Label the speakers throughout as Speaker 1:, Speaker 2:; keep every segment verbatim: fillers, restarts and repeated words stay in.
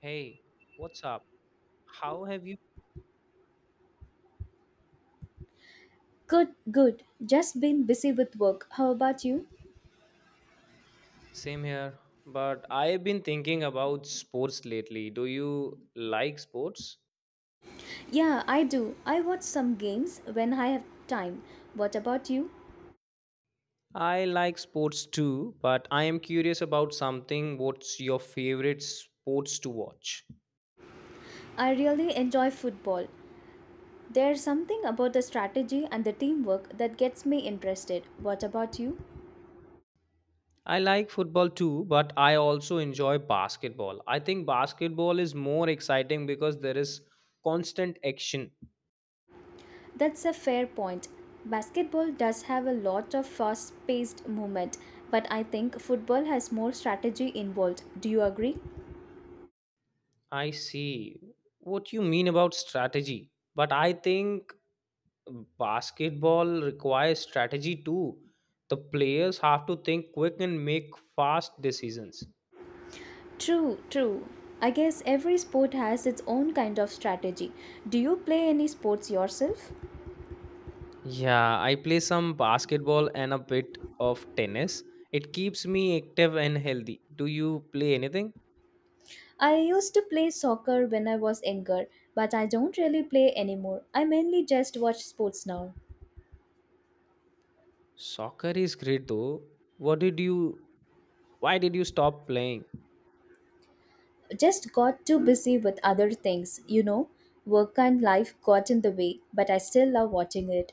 Speaker 1: Hey, what's up? How have you?
Speaker 2: Good, good. Just been busy with work. How about you?
Speaker 1: Same here, but I've been thinking about sports lately. Do you like sports?
Speaker 2: Yeah, I do. I watch some games when I have time. What about you?
Speaker 1: I like sports too, but I am curious about something. What's your favorite sports to watch?
Speaker 2: I really enjoy football. There's something about the strategy and the teamwork that gets me interested. What about you?
Speaker 1: I like football too, but I also enjoy basketball. I think basketball is more exciting because there is constant action.
Speaker 2: That's a fair point. Basketball does have a lot of fast paced movement, but I think football has more strategy involved. Do you agree?
Speaker 1: I see what you mean about strategy, but I think Basketball requires strategy too. The players have to think quick and make fast decisions.
Speaker 2: True, true. I guess every sport has its own kind of strategy. Do you play any sports yourself?
Speaker 1: Yeah, I play some basketball and a bit of tennis. It keeps me active and healthy. Do you play anything?
Speaker 2: I used to play soccer when I was younger, but I don't really play anymore. I mainly just watch sports now.
Speaker 1: Soccer is great though. What did you Why did you stop playing?
Speaker 2: Just got too busy with other things, you know. Work and life got in the way, but I still love watching it.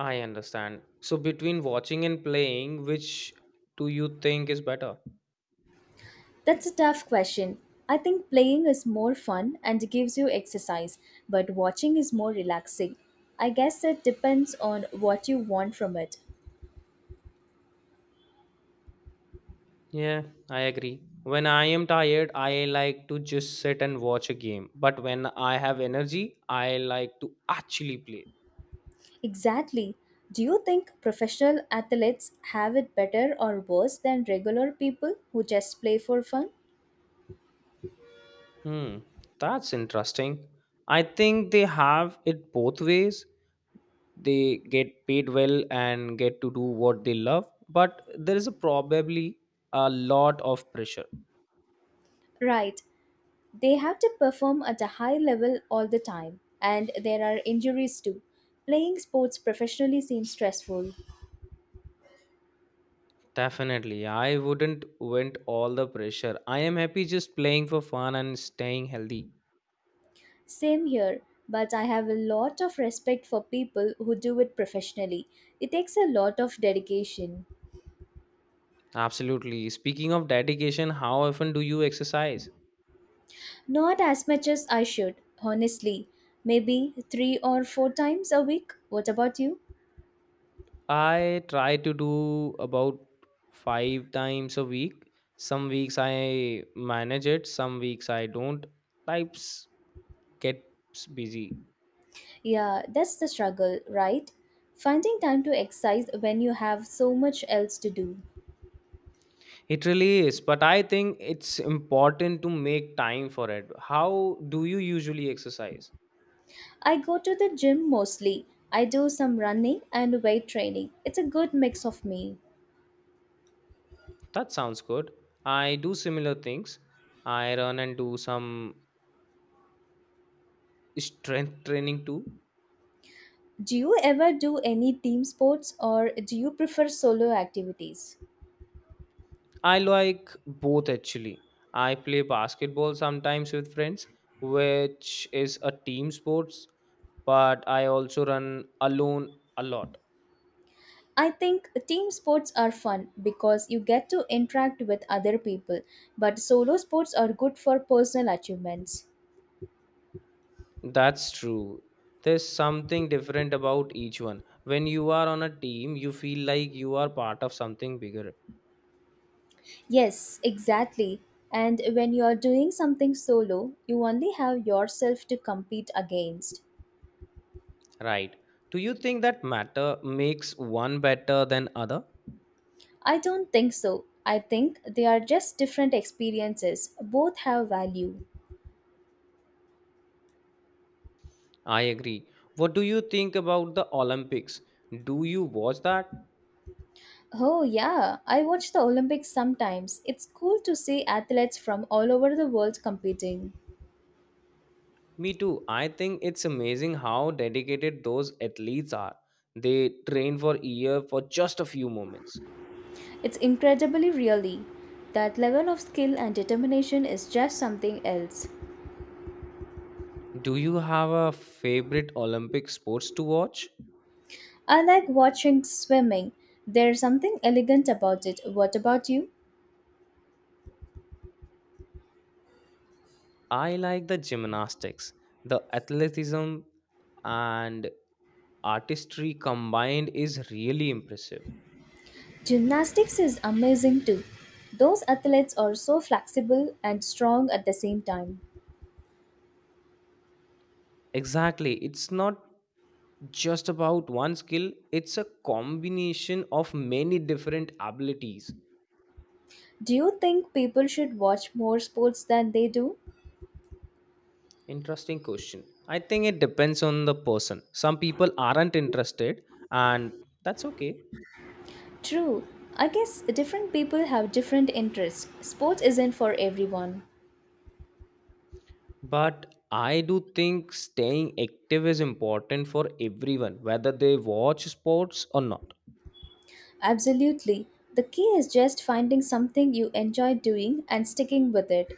Speaker 1: I understand. So, between watching and playing, which do you think is better?
Speaker 2: That's a tough question. I think playing is more fun and gives you exercise, but watching is more relaxing. I guess it depends on what you want from it.
Speaker 1: Yeah, I agree. When I am tired, I like to just sit and watch a game. But when I have energy, I like to actually play.
Speaker 2: Exactly. Do you think professional athletes have it better or worse than regular people who just play for fun?
Speaker 1: Hmm, that's interesting. I think they have it both ways. They get paid well and get to do what they love, but there is a probably a lot of pressure.
Speaker 2: Right. They have to perform at a high level all the time, and there are injuries too. Playing sports professionally seems stressful.
Speaker 1: Definitely, I wouldn't want all the pressure. I am happy just playing for fun and staying healthy.
Speaker 2: Same here, but I have a lot of respect for people who do it professionally. It takes a lot of dedication.
Speaker 1: Absolutely. Speaking of dedication, how often do you exercise?
Speaker 2: Not as much as I should, honestly. Maybe three or four times a week. What about you?
Speaker 1: I try to do about five times a week. Some weeks I manage it, some weeks I don't. Lives gets busy.
Speaker 2: Yeah, that's the struggle, right? Finding time to exercise when you have so much else to do.
Speaker 1: It really is, but I think it's important to make time for it. How do you usually exercise?
Speaker 2: I go to the gym mostly. I do some running and weight training. It's a good mix of me.
Speaker 1: That sounds good. I do similar things. I run and do some strength training too.
Speaker 2: Do you ever do any team sports or do you prefer solo activities?
Speaker 1: I like both actually. I play basketball sometimes with friends, which is a team sports, but I also run alone a lot.
Speaker 2: I think team sports are fun because you get to interact with other people, but solo sports are good for personal achievements.
Speaker 1: That's true. There's something different about each one. When you are on a team, you feel like you are part of something bigger.
Speaker 2: Yes, exactly. And when you are doing something solo, you only have yourself to compete against.
Speaker 1: Right. Do you think that matter makes one better than other?
Speaker 2: I don't think so. I think they are just different experiences. Both have value.
Speaker 1: I agree. What do you think about the Olympics? Do you watch that?
Speaker 2: Oh, yeah, I watch the Olympics sometimes. It's cool to see athletes from all over the world competing.
Speaker 1: Me too. I think it's amazing how dedicated those athletes are. They train for a year for just a few moments.
Speaker 2: It's incredibly really. That level of skill and determination is just something else.
Speaker 1: Do you have a favorite Olympic sports to watch?
Speaker 2: I like watching swimming. There's something elegant about it. What about you?
Speaker 1: I like the gymnastics, the athleticism, and artistry combined is really impressive.
Speaker 2: Gymnastics is amazing too. Those athletes are so flexible and strong at the same time.
Speaker 1: Exactly. It's not just about one skill, it's a combination of many different abilities.
Speaker 2: Do you think people should watch more sports than they do?
Speaker 1: Interesting question. I think it depends on the person. Some people aren't interested, and that's okay.
Speaker 2: True. I guess different people have different interests. Sports isn't for everyone.
Speaker 1: But I do think staying active is important for everyone, whether they watch sports or not.
Speaker 2: Absolutely. The key is just finding something you enjoy doing and sticking with it.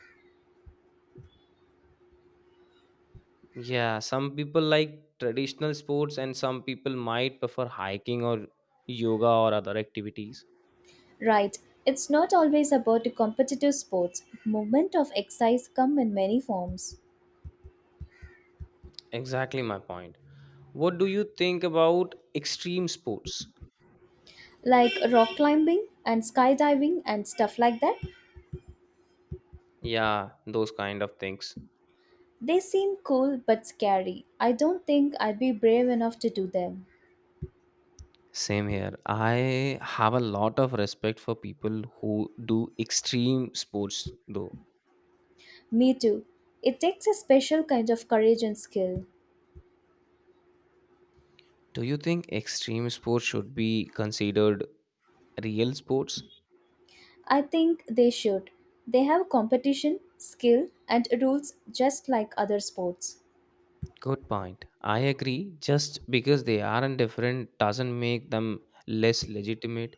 Speaker 1: Yeah, some people like traditional sports, and some people might prefer hiking or yoga or other activities.
Speaker 2: Right. It's not always about competitive sports. Movement of exercise come in many forms.
Speaker 1: Exactly my point. What do you think about extreme sports?
Speaker 2: Like rock climbing and skydiving and stuff like that.
Speaker 1: Yeah, those kind of things.
Speaker 2: They seem cool but scary. I don't think I'd be brave enough to do them.
Speaker 1: Same here. I have a lot of respect for people who do extreme sports, though.
Speaker 2: Me too. It takes a special kind of courage and skill.
Speaker 1: Do you think extreme sports should be considered real sports?
Speaker 2: I think they should. They have competition, skill, and rules just like other sports.
Speaker 1: Good point. I agree. Just because they aren't different doesn't make them less legitimate.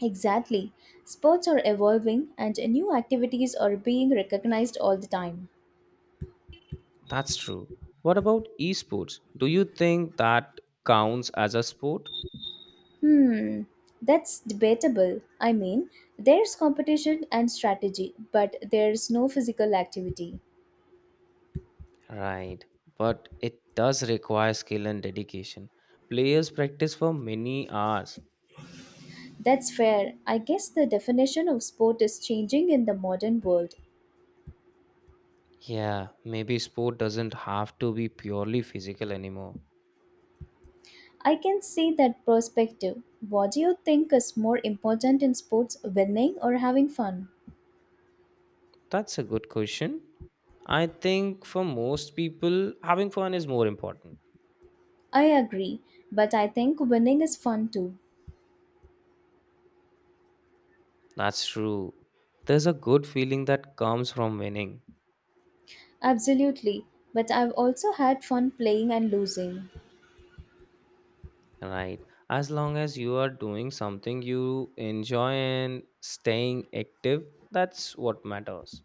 Speaker 2: Exactly. Sports are evolving and new activities are being recognized all the time.
Speaker 1: That's true. What about esports? Do you think that counts as a sport?
Speaker 2: Hmm, that's debatable. I mean, there's competition and strategy, but there's no physical activity.
Speaker 1: Right. But it does require skill and dedication. Players practice for many hours.
Speaker 2: That's fair. I guess the definition of sport is changing in the modern world.
Speaker 1: Yeah, maybe sport doesn't have to be purely physical anymore.
Speaker 2: I can see that perspective. What do you think is more important in sports, winning or having fun?
Speaker 1: That's a good question. I think for most people, having fun is more important.
Speaker 2: I agree, but I think winning is fun too.
Speaker 1: That's true. There's a good feeling that comes from winning,
Speaker 2: Absolutely, but I've also had fun playing and losing.
Speaker 1: right? As long as you are doing something you enjoy and staying active, that's what matters.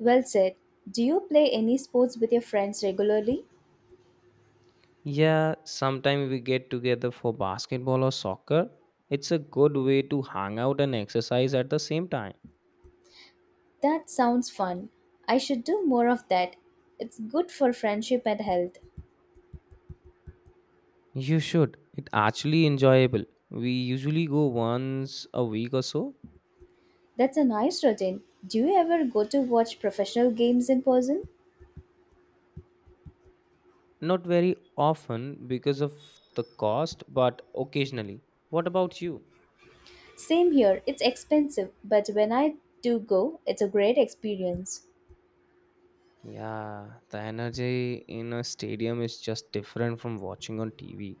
Speaker 2: Well said. Do you play any sports with your friends regularly?
Speaker 1: Yeah, sometimes we get together for basketball or soccer. It's a good way to hang out and exercise at the same time.
Speaker 2: That sounds fun. I should do more of that. It's good for friendship and health.
Speaker 1: You should. It actually enjoyable. We usually go once a week or so.
Speaker 2: That's a nice routine. Do you ever go to watch professional games in person?
Speaker 1: Not very often because of the cost, but occasionally. What about you?
Speaker 2: Same here. It's expensive, but when I do go, it's a great experience.
Speaker 1: Yeah, the energy in a stadium is just different from watching on T V.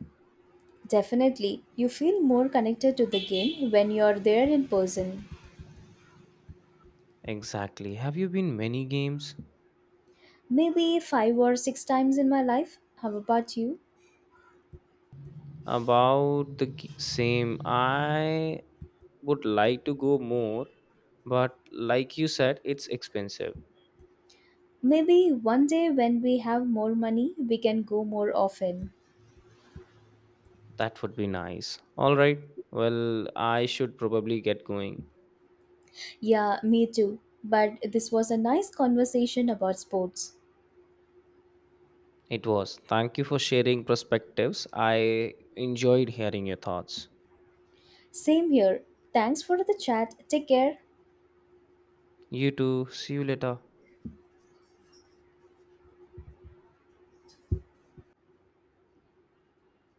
Speaker 2: Definitely. You feel more connected to the game when you're there in person.
Speaker 1: Exactly. Have you been many games?
Speaker 2: Maybe five or six times in my life. How about you?
Speaker 1: About the g- same. I would like to go more, but like you said, it's expensive.
Speaker 2: Maybe one day when we have more money, we can go more often.
Speaker 1: That would be nice. All right. Well, I should probably get going.
Speaker 2: Yeah, me too. But this was a nice conversation about sports.
Speaker 1: It was. Thank you for sharing perspectives. I enjoyed hearing your thoughts.
Speaker 2: Same here. Thanks for the chat. Take care.
Speaker 1: You too. See you later.